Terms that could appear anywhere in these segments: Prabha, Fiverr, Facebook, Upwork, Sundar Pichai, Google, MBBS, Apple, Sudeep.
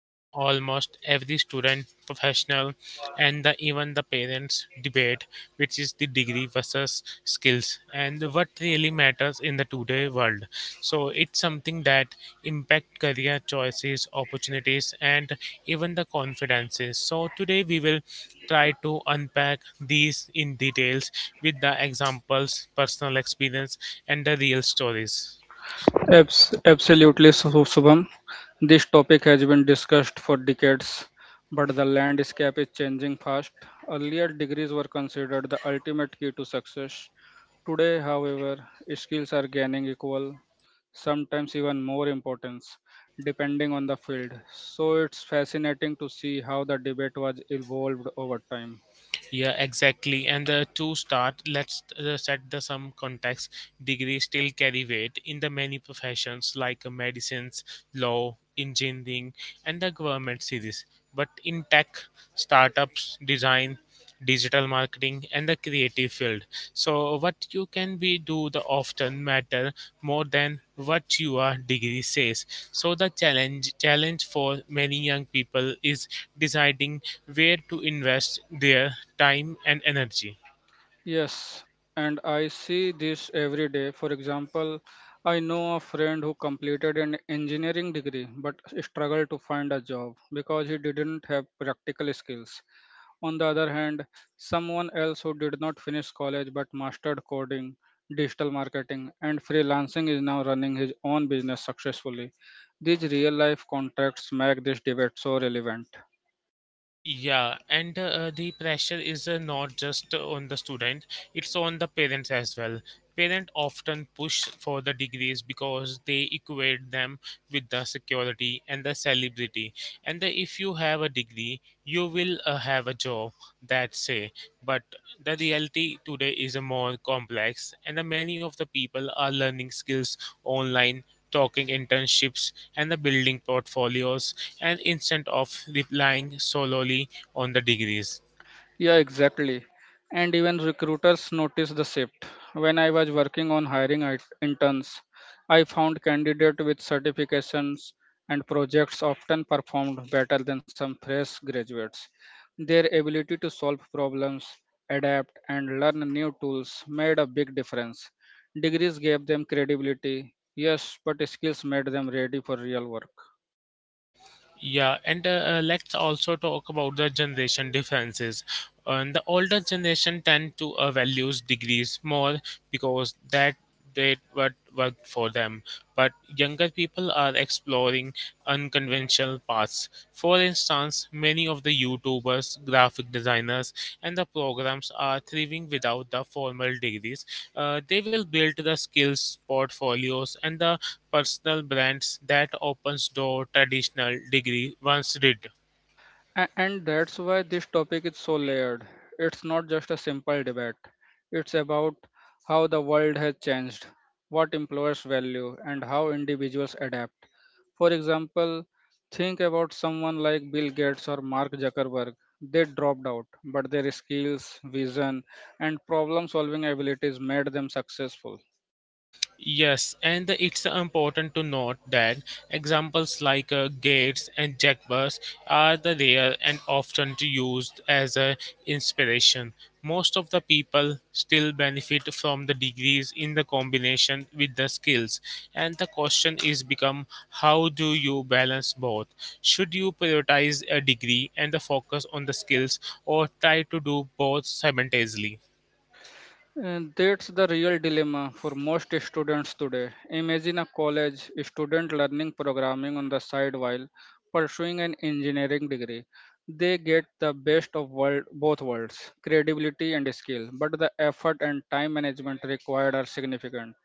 that almost every student, professional, even the parents debate, which is the degree versus skills and what really matters in the today world. So it's something that impact career choices, opportunities, and even the confidences. So today we will try to unpack these in details with the examples, personal experience, and the real stories. Absolutely, Shubham. This topic has been discussed for decades, but the landscape is changing fast. Earlier, degrees were considered the ultimate key to success. Today, however, skills are gaining equal, sometimes even more importance, depending on the field. So, it's fascinating to see how the debate was evolved over time. Yeah, exactly. And to start, let's set the some context. Degrees still carry weight in the many professions like medicines, law, engineering, and the government series. But in tech, startups, design, digital marketing, and the creative field. So what you can be do the often matter more than what your degree says. So the challenge for many young people is deciding where to invest their time and energy. Yes, and I see this every day. For example, I know a friend who completed an engineering degree but struggled to find a job because he didn't have practical skills. On the other hand, someone else who did not finish college but mastered coding, digital marketing, and freelancing is now running his own business successfully. These real life contracts make this debate so relevant. Yeah, and the pressure is not just on the student, it's on the parents as well. Parents often push for the degrees because they equate them with the security and the celebrity, if you have a degree you will have a job, that's say, but the reality today is a more complex, and the many of the people are learning skills online, talking internships, and the building portfolios, and instead of relying solely on the degrees. Yeah, exactly. And even recruiters notice the shift. When I was working on hiring interns, I found candidates with certifications and projects often performed better than some fresh graduates. Their ability to solve problems, adapt, and learn new tools made a big difference. Degrees gave them credibility, yes, but skills made them ready for real work. Yeah, and let's also talk about the generation differences. And the older generation tend to values degrees more because that did what worked for them. But younger people are exploring unconventional paths. For instance, many of the YouTubers, graphic designers, and the programs are thriving without the formal degrees. They will build the skills, portfolios, and the personal brands that opens door traditional degree once did. And that's why this topic is so layered. It's not just a simple debate, it's about how the world has changed, what employers value, and how individuals adapt. For example, think about someone like Bill Gates or Mark Zuckerberg. They dropped out, but their skills, vision, and problem solving abilities made them successful. Yes, and it's important to note that examples like Gates and Jack Bus are the rare and often used as a inspiration. Most of the people still benefit from the degrees in the combination with the skills, and the question is become, how do you balance both? Should you prioritize a degree and the focus on the skills, or try to do both simultaneously? And that's the real dilemma for most students today. Imagine a college student learning programming on the side while pursuing an engineering degree. They get the best of world, both worlds, credibility and skill, but the effort and time management required are significant.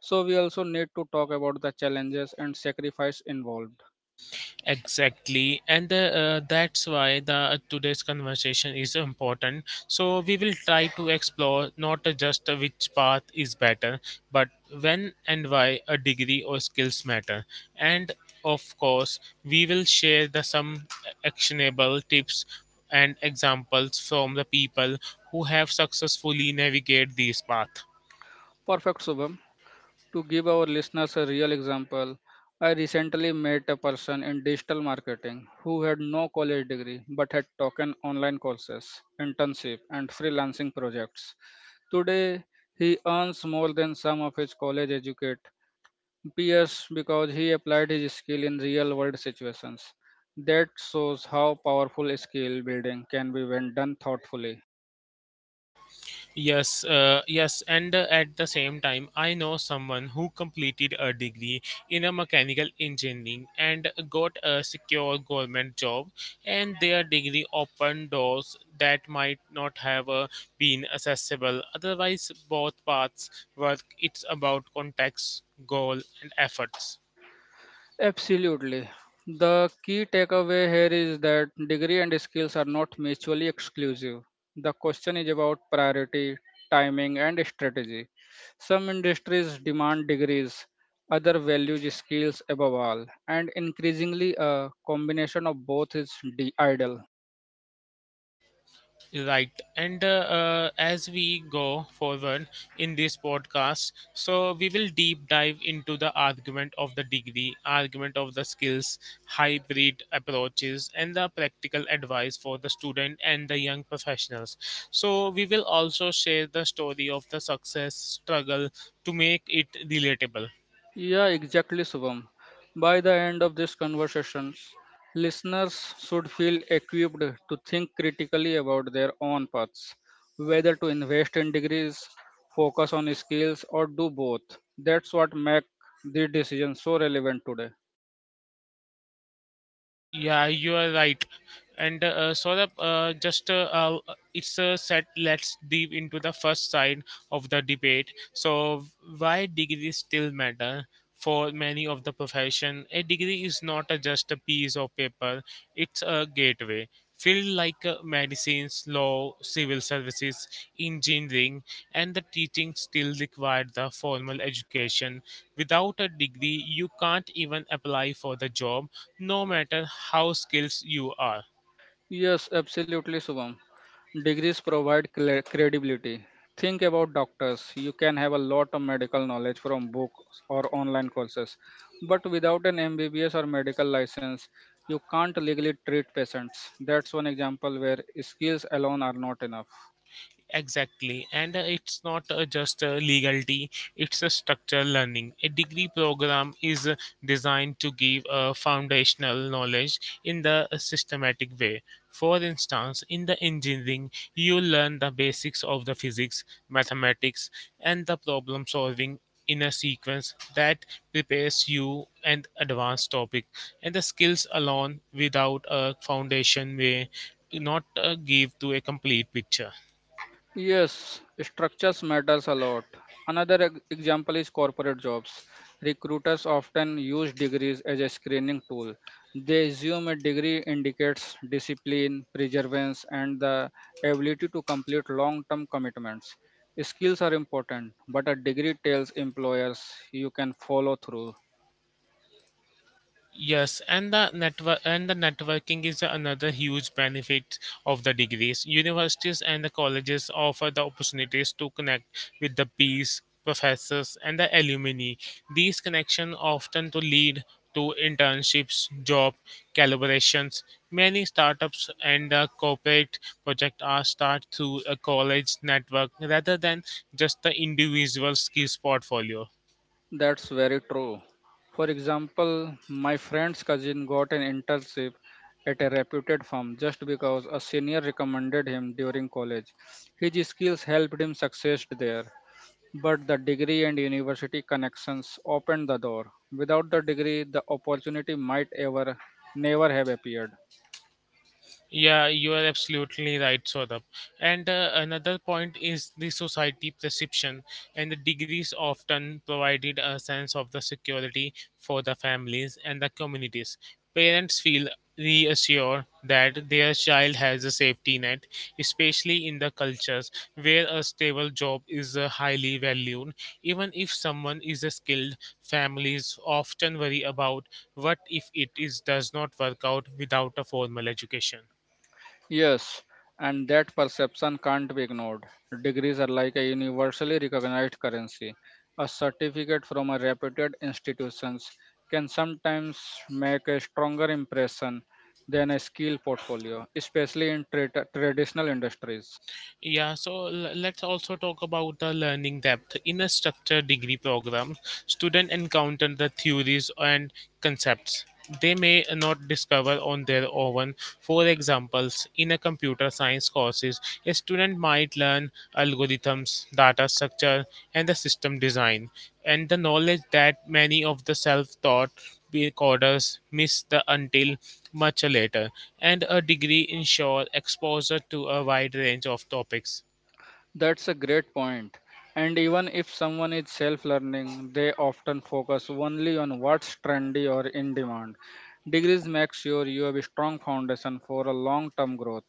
So we also need to talk about the challenges and sacrifice involved. Exactly, that's why the today's conversation is important. So we will try to explore not just which path is better, but when and why a degree or skills matter. And of course, we will share the some actionable tips and examples from the people who have successfully navigate these path. Perfect, Subham. To give our listeners a real example, I recently met a person in digital marketing who had no college degree but had taken online courses, internship, and freelancing projects. Today, he earns more than some of his college educate peers because he applied his skill in real world situations. That shows how powerful skill building can be when done thoughtfully. Yes, yes, and at the same time, I know someone who completed a degree in a mechanical engineering and got a secure government job, and their degree opened doors that might not have been accessible. Otherwise, both paths work. It's about context, goal, and efforts. Absolutely. The key takeaway here is that degree and skills are not mutually exclusive. The question is about priority, timing, and strategy. Some industries demand degrees, other values skills above all, and increasingly a combination of both is ideal. Right, and as we go forward in this podcast, so we will deep dive into the argument of the degree, argument of the skills, hybrid approaches, and the practical advice for the student and the young professionals. So, we will also share the story of the success struggle to make it relatable. Yeah, exactly, Subham. By the end of these conversations, listeners should feel equipped to think critically about their own paths, whether to invest in degrees, focus on skills, or do both. That's what makes the decision so relevant today. Yeah, you are right. And Saurabh, just it's a set. Let's dive into the first side of the debate. So, why degrees still matter for many of the profession? A degree is not a, just a piece of paper. It's a gateway. Field like medicines, law, civil services, engineering, and the teaching still require the formal education. Without a degree, you can't even apply for the job no matter how skilled you are. Yes, absolutely, Subham. Degrees provide credibility. Think about doctors. You can have a lot of medical knowledge from books or online courses, but without an MBBS or medical license, you can't legally treat patients. That's one example where skills alone are not enough. Exactly, and it's not just a legality, it's a structural learning. A degree program is designed to give a foundational knowledge in the systematic way. For instance, in the engineering, you learn the basics of the physics, mathematics, and the problem solving in a sequence that prepares you an advanced topic, and the skills alone without a foundation may not give to a complete picture. Yes, structures matters a lot. Another example is corporate jobs. Recruiters often use degrees as a screening tool. They assume a degree indicates discipline, perseverance, and the ability to complete long-term commitments. Skills are important, but a degree tells employers you can follow through. Yes, and the network and the networking is another huge benefit of the degrees. Universities and the colleges offer the opportunities to connect with the peers, professors, and the alumni. These connections often to lead to internships, job collaborations. Many startups and the corporate project are start through a college network rather than just the individual skills portfolio. That's very true. For example, my friend's cousin got an internship at a reputed firm just because a senior recommended him during college. His skills helped him succeed there, but the degree and university connections opened the door. Without the degree, the opportunity might ever never have appeared. Yeah, you are absolutely right, Saurabh. And another point is the society perception, and the degrees often provided a sense of the security for the families and the communities. Parents feel reassured that their child has a safety net, especially in the cultures where a stable job is highly valued. Even if someone is skilled, families often worry about what if it is does not work out without a formal education. Yes, and that perception can't be ignored. Degrees are like a universally recognized currency. A certificate from a reputed institutions can sometimes make a stronger impression than a skill portfolio, especially in traditional industries. Yeah, so let's also talk about the learning depth. In a structured degree program, students encounter the theories and concepts they may not discover on their own. For examples, in a computer science courses, a student might learn algorithms, data structure, and the system design, and the knowledge that many of the self-taught coders miss the until much later. And a degree ensure exposure to a wide range of topics. That's a great point. And even if someone is self learning, they often focus only on what's trendy or in demand. Degrees make sure you have a strong foundation for a long-term growth,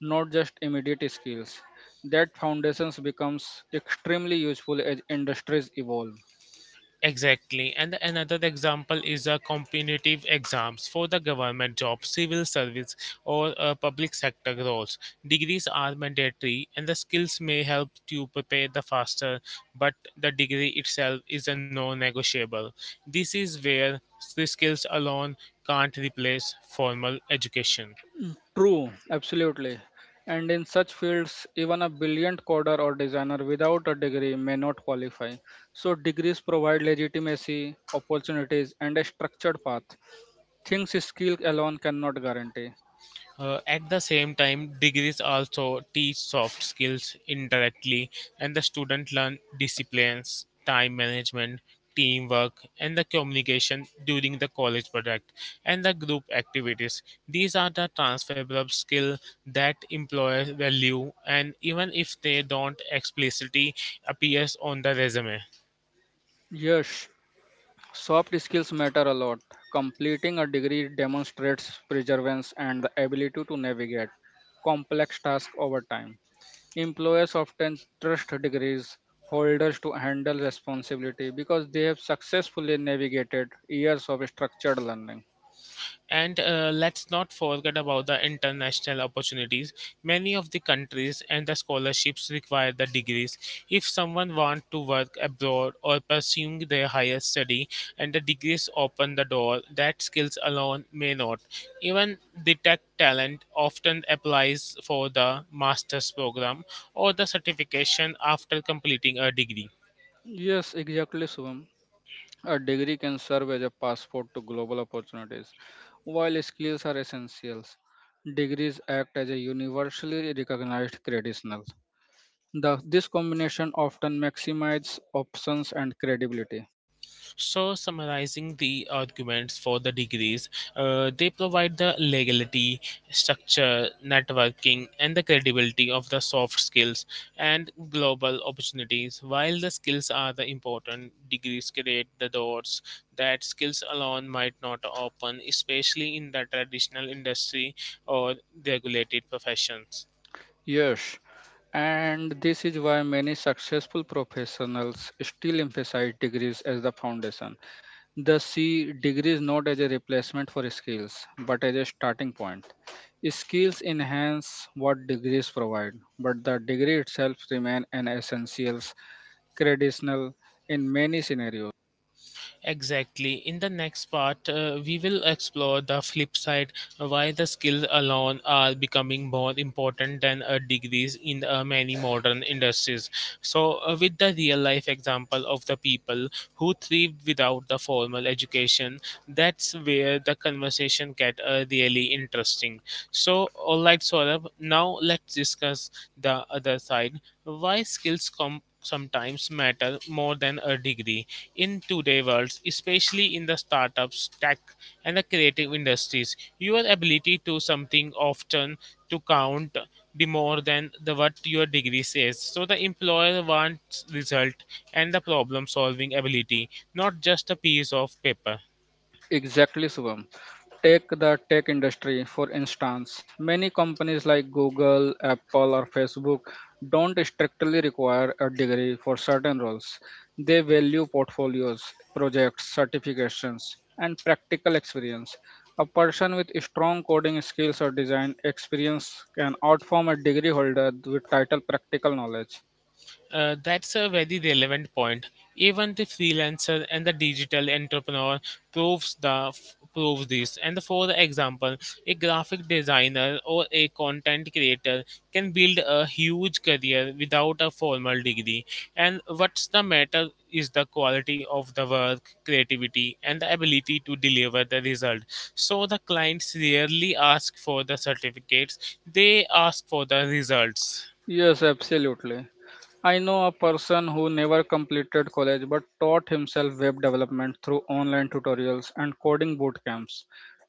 not just immediate skills. That foundation becomes extremely useful as industries evolve. Exactly. And another example is a competitive exams for the government job, civil service, or public sector roles. Degrees are mandatory, and the skills may help to prepare the faster, but the degree itself is a non-negotiable. This is where the skills alone can't replace formal education. True, absolutely. And in such fields, even a brilliant coder or designer without a degree may not qualify. So degrees provide legitimacy, opportunities, and a structured path. Things skill alone cannot guarantee. At the same time, degrees also teach soft skills indirectly, and the student learn disciplines, time management, teamwork, and the communication during the college project and the group activities. These are the transferable skill that employers value, and even if they don't explicitly appears on the resume. Yes, soft skills matter a lot. Completing a degree demonstrates perseverance and the ability to navigate complex tasks over time. Employers often trust degrees holders to handle responsibility because they have successfully navigated years of structured learning. And let's not forget about the international opportunities. Many of the countries and the scholarships require the degrees. If someone wants to work abroad or pursuing their higher study, and the degrees open the door, that skills alone may not. Even detect talent often applies for the master's program or the certification after completing a degree. Yes, exactly, Subham. A degree can serve as a passport to global opportunities. While skills are essentials, degrees act as a universally recognized credential. The, this combination often maximizes options and credibility. So, summarizing the arguments for the degrees, they provide the legality, structure, networking, and the credibility of the soft skills and global opportunities. While the skills are the important, degrees create the doors that skills alone might not open, especially in the traditional industry or regulated professions. Yes, and this is why many successful professionals still emphasize degrees as the foundation. They see degrees not as a replacement for skills, but as a starting point. Skills enhance what degrees provide, but the degree itself remains an essential conditional in many scenarios. Exactly. In the next part, we will explore the flip side, why the skills alone are becoming more important than degrees in many modern industries. So, with the real life example of the people who thrived without the formal education, that's where the conversation get really interesting. So, all right, Saurabh, now let's discuss the other side, why skills come sometimes matter more than a degree in today's world, especially in the startups, tech, and the creative industries. Your ability to something often to count the more than the what your degree says. So the employer wants result and the problem solving ability, not just a piece of paper. Exactly, Subham. Take the tech industry, for instance. Many companies like Google, Apple, or Facebook don't strictly require a degree for certain roles. They value portfolios, projects, certifications, and practical experience. A person with strong coding skills or design experience can outperform a degree holder with title practical knowledge. That's a very relevant point. Even the freelancer and the digital entrepreneur proves the proves this. And for example, a graphic designer or a content creator can build a huge career without a formal degree. And what's the matter is the quality of the work, creativity, and the ability to deliver the result. So the clients rarely ask for the certificates; they ask for the results. Yes, absolutely. I know a person who never completed college but taught himself web development through online tutorials and coding boot camps.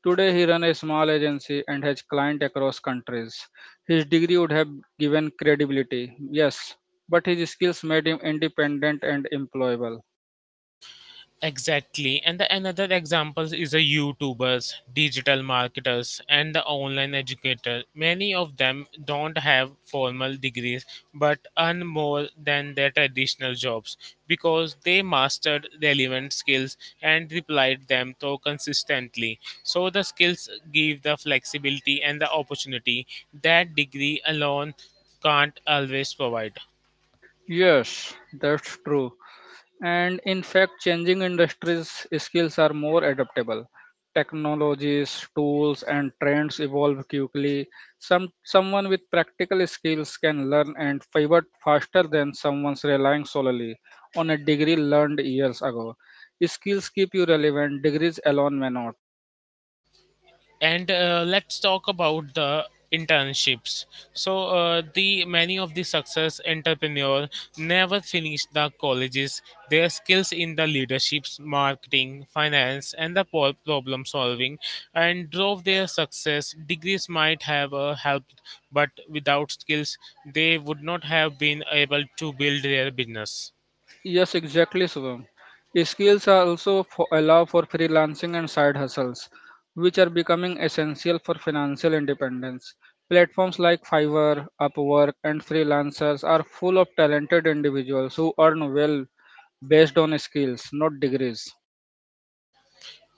Today he runs a small agency and has clients across countries. His degree would have given credibility, yes, but his skills made him independent and employable. Exactly. And the another example is the YouTubers, digital marketers, and the online educator. Many of them don't have formal degrees but earn more than their traditional jobs because they mastered relevant skills and replied them so consistently. So the skills give the flexibility and the opportunity that degree alone can't always provide. Yes, that's true. And in fact, changing industries' skills are more adaptable. Technologies, tools, and trends evolve quickly. Someone with practical skills can learn and pivot faster than someone relying solely on a degree learned years ago. Skills keep you relevant, degrees alone may not. And let's talk about the internships. So the many of the success entrepreneur never finished the colleges. Their skills in the leaderships, marketing, finance, and the problem solving and drove their success. Degrees might have helped, but without skills they would not have been able to build their business. Yes, exactly, Shubham. Skills are also allow for freelancing and side hustles, which are becoming essential for financial independence. Platforms like Fiverr, Upwork, and freelancers are full of talented individuals who earn well based on skills, not degrees.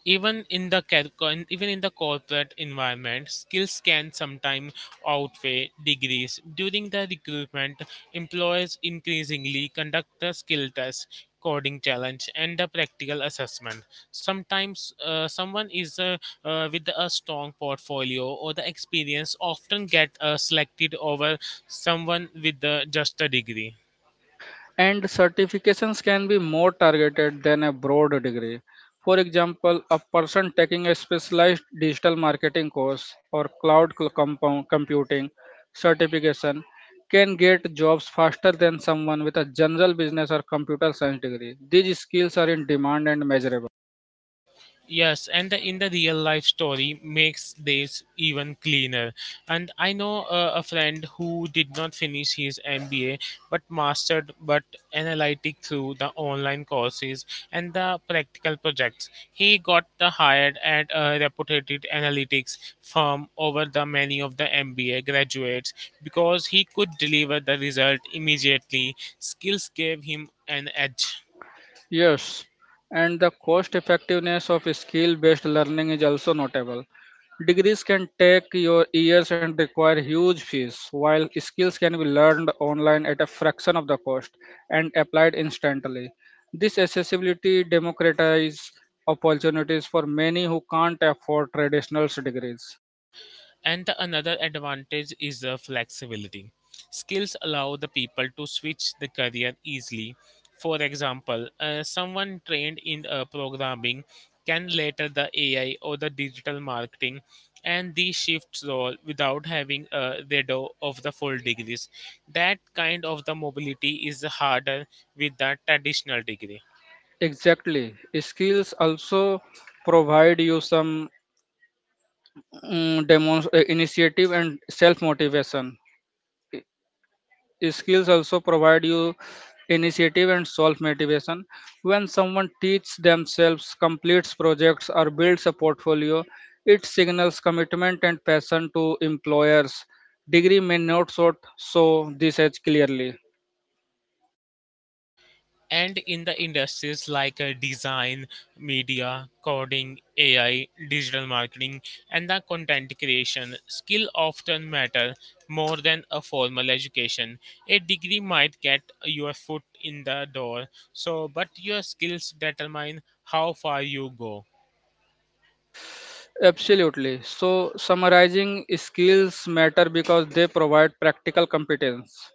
even in the car- even in the corporate environment skills can sometimes outweigh degrees during the recruitment. Employers increasingly conduct the skill test, coding challenge, and the practical assessment. Sometimes someone is with a strong portfolio or the experience often get selected over someone with just a degree. And certifications can be more targeted than a broad degree. For example, a person taking a specialized digital marketing course or cloud computing certification can get jobs faster than someone with a general business or computer science degree. These skills are in demand and measurable. Yes, in the real life story makes this even cleaner. And I know a friend who did not finish his MBA but mastered but analytic through the online courses and the practical projects. He got the hired at a reputed analytics firm over the many of the MBA graduates because he could deliver the result immediately. Skills gave him an edge. Yes, and the cost effectiveness of skill based learning is also notable. Degrees can take your years and require huge fees, while skills can be learned online at a fraction of the cost and applied instantly. This accessibility democratizes opportunities for many who can't afford traditional degrees. And the another advantage is the flexibility. Skills allow the people to switch the career easily. For example, someone trained in programming can later the AI or the digital marketing and the shifts role without having a redo of the full degrees. That kind of the mobility is harder with the traditional degree. Exactly. Skills also provide you some mm, demos- initiative and self motivation. Skills also provide you initiative and self motivation. When someone teaches themselves, completes projects, or builds a portfolio, it signals commitment and passion to employers. Degree may not sort show this as clearly. And in the industries like design, media, coding, AI, digital marketing, and the content creation, skill often matter more than a formal education. A degree might get your foot in the door, so but your skills determine how far you go. Absolutely. So, summarizing, skills matter because they provide practical competence,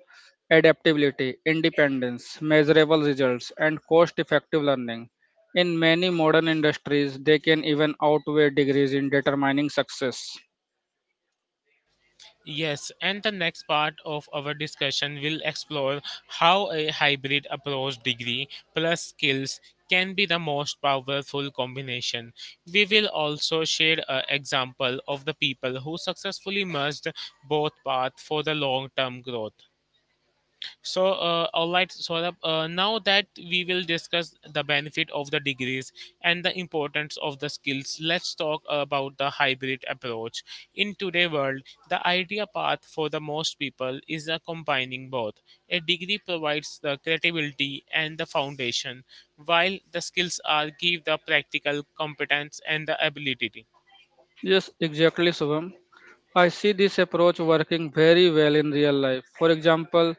adaptability, independence, measurable results, and cost effective learning. In many modern industries, they can even outweigh degrees in determining success. Yes, and the next part of our discussion will explore how a hybrid approach degree plus skills can be the most powerful combination. We will also share an example of the people who successfully merged both paths for the long term growth. All right, Saurabh, now that we will discuss the benefit of the degrees and the importance of the skills, let's talk about the hybrid approach. In today's world, the idea path for the most people is a combining both. A degree provides the credibility and the foundation, while the skills are give the practical competence and the ability. Yes, exactly, Subham. I see this approach working very well in real life. For example,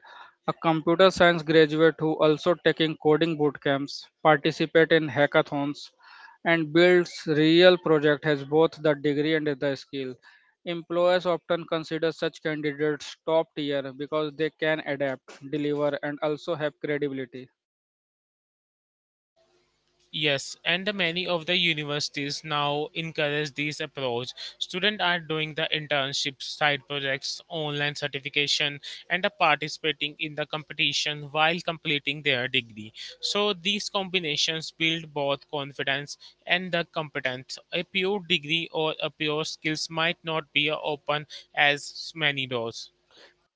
a computer science graduate who also taking coding boot camps, participate in hackathons, and builds real project has both the degree and the skill. Employers often consider such candidates top tier because they can adapt, deliver, and also have credibility. Yes, and the many of the universities now encourage this approach. Students are doing the internships, side projects, online certification, and are participating in the competition while completing their degree. So these combinations build both confidence and the competence. A pure degree or a pure skills might not be open as many doors.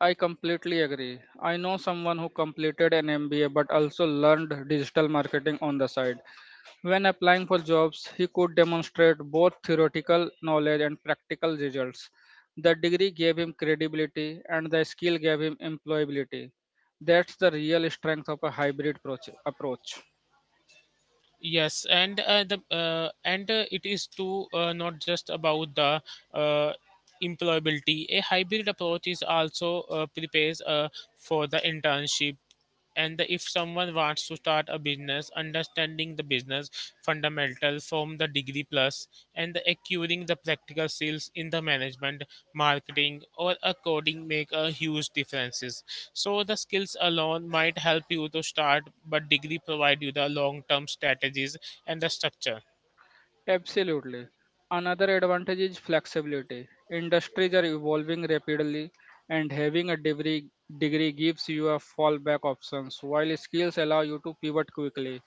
I completely agree. I know someone who completed an MBA but also learned digital marketing on the side. When applying for jobs, he could demonstrate both theoretical knowledge and practical results. The degree gave him credibility and the skill gave him employability. That's the real strength of a hybrid approach. Yes, and it is too not just about the uh, employability. A hybrid approach is also prepares for the internship and the- if someone wants to start a business understanding the business fundamental from the degree plus and the acquiring the practical skills in the management marketing or a coding make a huge differences. So the skills alone might help you to start, but degree provide you the long term strategies and the structure. Absolutely. Another advantage is flexibility. Industries are evolving rapidly, and having a degree, gives you a fallback options, while skills allow you to pivot quickly.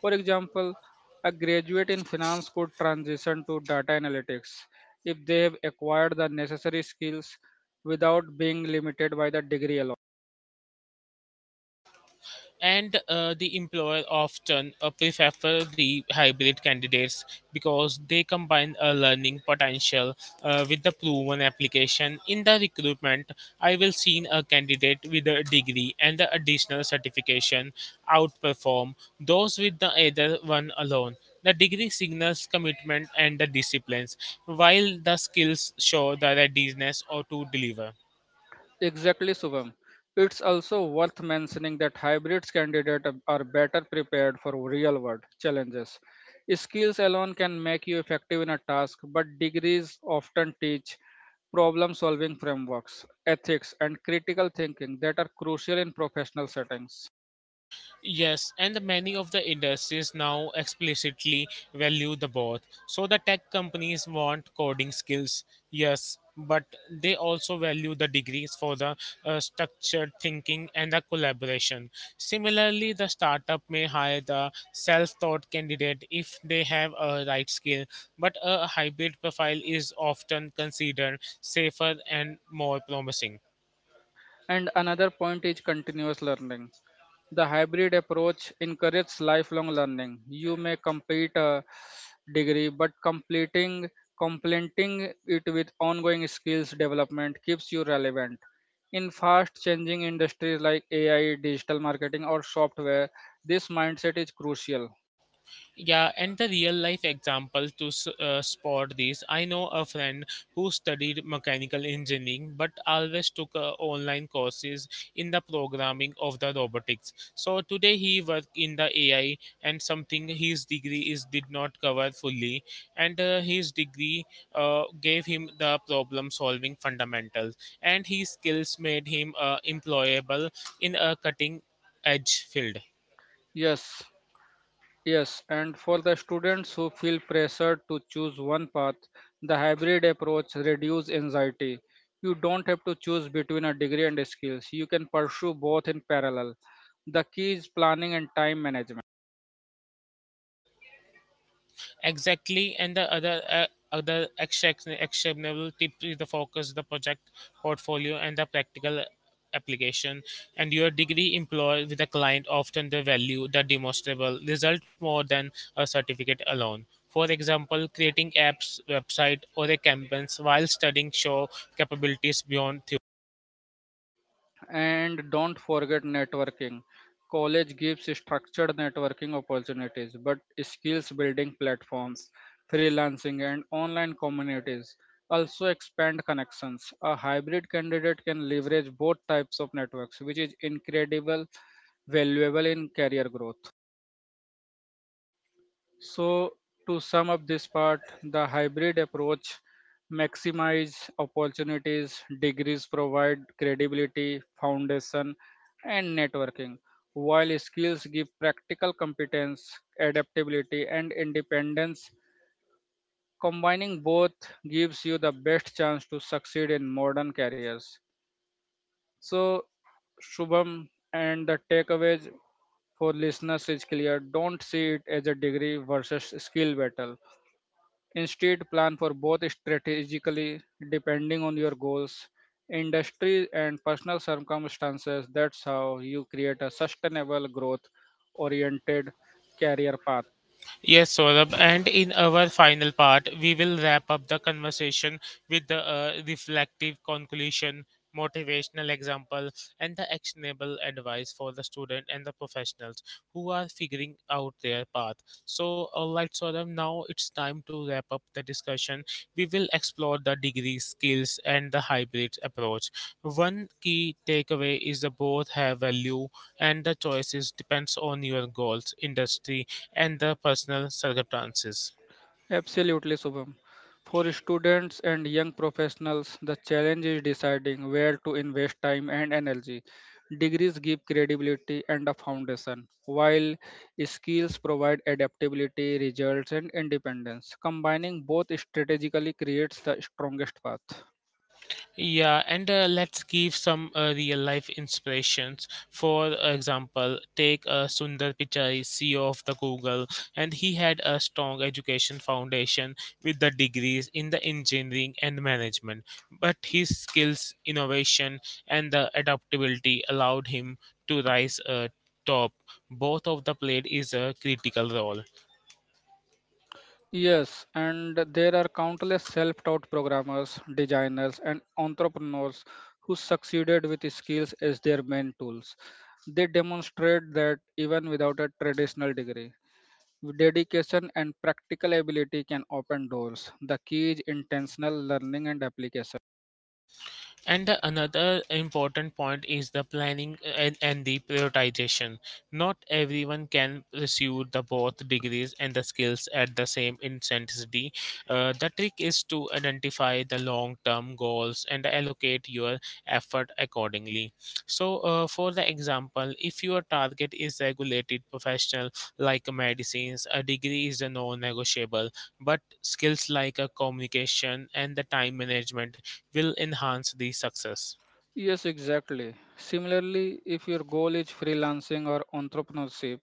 For example, a graduate in finance could transition to data analytics if they have acquired the necessary skills without being limited by the degree alone. And the employer often prefer the hybrid candidates because they combine a learning potential with the proven application. In the recruitment I will see a candidate with a degree and the additional certification outperform those with the either one alone. The degree signals commitment and the disciplines, while the skills show the readiness or to deliver. Exactly, Subham. It's also worth mentioning that hybrids candidates are better prepared for real world challenges. Skills alone can make you effective in a task, but degrees often teach problem solving frameworks, ethics, and critical thinking that are crucial in professional settings. Yes, and the many of the industries now explicitly value the both. So the tech companies want coding skills, yes, but they also value the degrees for the structured thinking and the collaboration. Similarly, the startup may hire the self-taught candidate if they have a right skill, but a hybrid profile is often considered safer and more promising. And another point is continuous learning. The hybrid approach encourages lifelong learning. You may complete a degree, but completing complementing it with ongoing skills development keeps you relevant. In fast changing industries like AI, digital marketing, or software, this mindset is crucial. Yeah, and the real life example to spot this. I know a friend who studied mechanical engineering but always took online courses in the programming of the robotics. So today he work in the AI and something his degree is did not cover fully, and his degree gave him the problem solving fundamentals, and his skills made him employable in a cutting edge field. Yes, Yes, and for the students who feel pressured to choose one path, the hybrid approach reduces anxiety. You don't have to choose between a degree and skills. You can pursue both in parallel. The key is planning and time management. Exactly, and the other actionable tip is the focus, the project portfolio, and the practical application. And your degree employed with a client often the value, the demonstrable result more than a certificate alone. For example, creating apps, website, or a campaigns while studying show capabilities beyond. And don't forget networking. College gives structured networking opportunities, but skills building platforms, freelancing, and online communities also expand connections. A hybrid candidate can leverage both types of networks, which is incredible valuable in career growth. So, to sum up this part, the hybrid approach maximize opportunities, degrees provide credibility, foundation, and networking, while skills give practical competence, adaptability, and independence. Combining both gives you the best chance to succeed in modern careers. So, Shubham, and the takeaways for listeners is clear. Don't see it as a degree versus skill battle. Instead, plan for both strategically, depending on your goals, industry, and personal circumstances. That's how you create a sustainable, growth oriented career path. Yes, Saurabh. And in our final part, we will wrap up the conversation with the reflective conclusion, motivational example, and the actionable advice for the student and the professionals who are figuring out their path. All right, Saurabh, now it's time to wrap up the discussion. We will explore the degree skills and the hybrid approach. One key takeaway is the both have value and the choices depends on your goals, industry, and the personal circumstances. Absolutely, Shubham. For students and young professionals, the challenge is deciding where to invest time and energy. Degrees give credibility and a foundation, while skills provide adaptability, results, and independence. Combining both strategically creates the strongest path. Yeah, and let's give some real life inspirations. For example, take Sundar Pichai, CEO of the Google, and he had a strong education foundation with the degrees in the engineering and management. But his skills, innovation, and the adaptability allowed him to rise top. Both of the played is a critical role. Yes, and there are countless self taught programmers, designers, and entrepreneurs who succeeded with skills as their main tools. They demonstrate that even without a traditional degree, dedication and practical ability can open doors. The key is intentional learning and application. And the another important point is the planning and the prioritization. Not everyone can pursue the both degrees and the skills at the same intensity. The trick is to identify the long-term goals and allocate your effort accordingly. So, for the example, if your target is regulated professional like medicines, a degree is a non-negotiable, but skills like a communication and the time management will enhance the success. Yes, exactly. Similarly, if your goal is freelancing or entrepreneurship,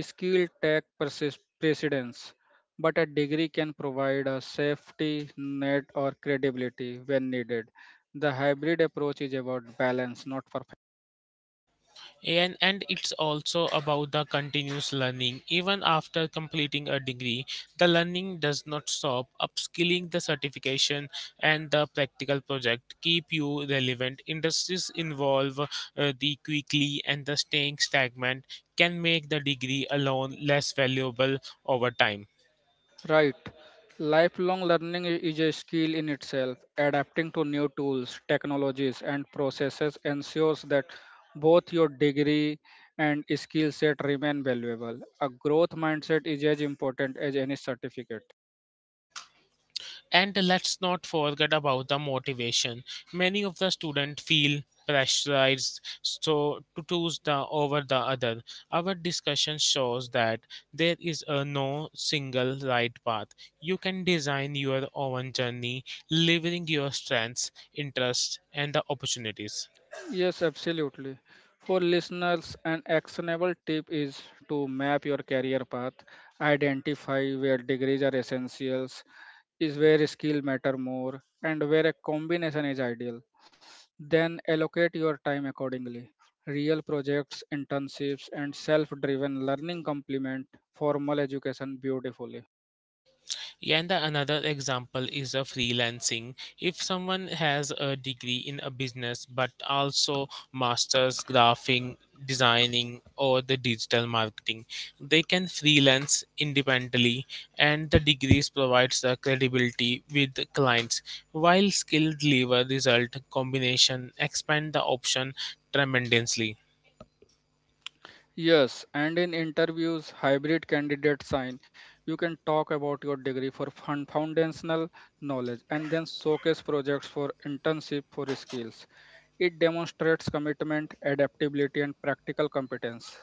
skill tech precedence, but a degree can provide a safety net or credibility when needed. The hybrid approach is about balance, not perfection. And it's also about the continuous learning. Even after completing a degree, the learning does not stop. Upskilling the certification and the practical project keep you relevant. Industries involve the quickly and the staying stagnant can make the degree alone less valuable over time. Right. Lifelong learning is a skill in itself. Adapting to new tools, technologies, and processes ensures that both your degree and skill set remain valuable. A growth mindset is as important as any certificate. And let's not forget about the motivation. Many of the students feel pressurized so to choose the over the other. Our discussion shows that there is a no single right path. You can design your own journey, leveraging your strengths, interests, and the opportunities. Yes, absolutely. For listeners, an actionable tip is to map your career path, identify where degrees are essentials, is where skill matter more, and where a combination is ideal. Then allocate your time accordingly. Real projects, internships, and self driven learning complement formal education beautifully. Yeah, and the another example is a freelancing. If someone has a degree in a business but also masters graphing, designing, or the digital marketing, they can freelance independently, and the degrees provides the credibility with the clients. While skill deliver result combination expand the option tremendously. Yes, and in interviews, hybrid candidate sign. You can talk about your degree for fun, foundational knowledge and then showcase projects for internship for skills. It demonstrates commitment, adaptability, and practical competence.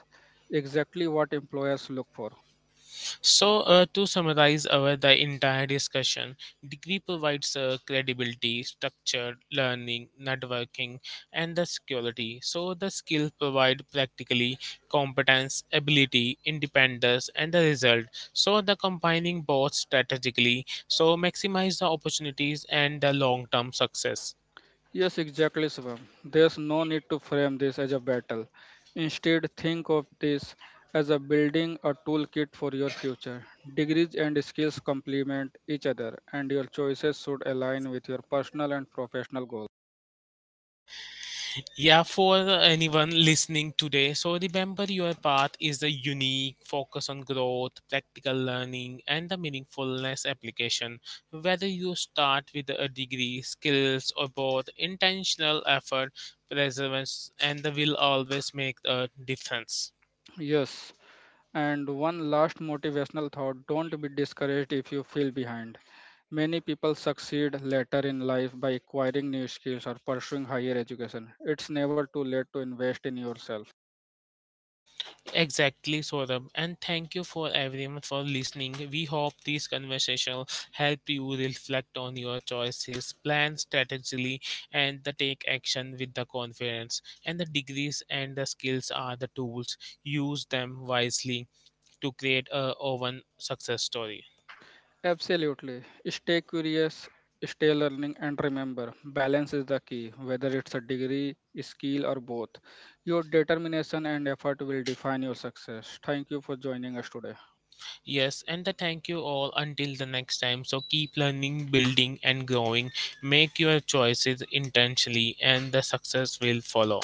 Exactly what employers look for. So, to summarize our the entire discussion, degree provides credibility, structure, learning, networking, and the security. So, the skill provide practically competence, ability, independence, and the result. So, the combining both strategically so maximize the opportunities and the long term success. Yes, exactly, Shivam. There's no need to frame this as a battle. Instead, think of this as a building a toolkit for your future. Degrees and skills complement each other, and your choices should align with your personal and professional goals. Yeah, for anyone listening today, so remember your path is a unique focus on growth, practical learning, and the meaningfulness application. Whether you start with a degree, skills, or both, intentional effort, perseverance, and the will always make a difference. Yes, and one last motivational thought, don't be discouraged if you feel behind. Many people succeed later in life by acquiring new skills or pursuing higher education. It's never too late to invest in yourself. Exactly, Saurabh. And thank you for everyone for listening. We hope this conversation will help you reflect on your choices, plan strategically, and the take action with the confidence. And the degrees and the skills are the tools. Use them wisely to create a own success story. Absolutely. Stay curious, stay learning, and remember balance is the key, whether it's a degree, skill, or both. Your determination and effort will define your success. Thank you for joining us today. Yes, and the thank you all until the next time. So keep learning, building, and growing. Make your choices intentionally, and the success will follow.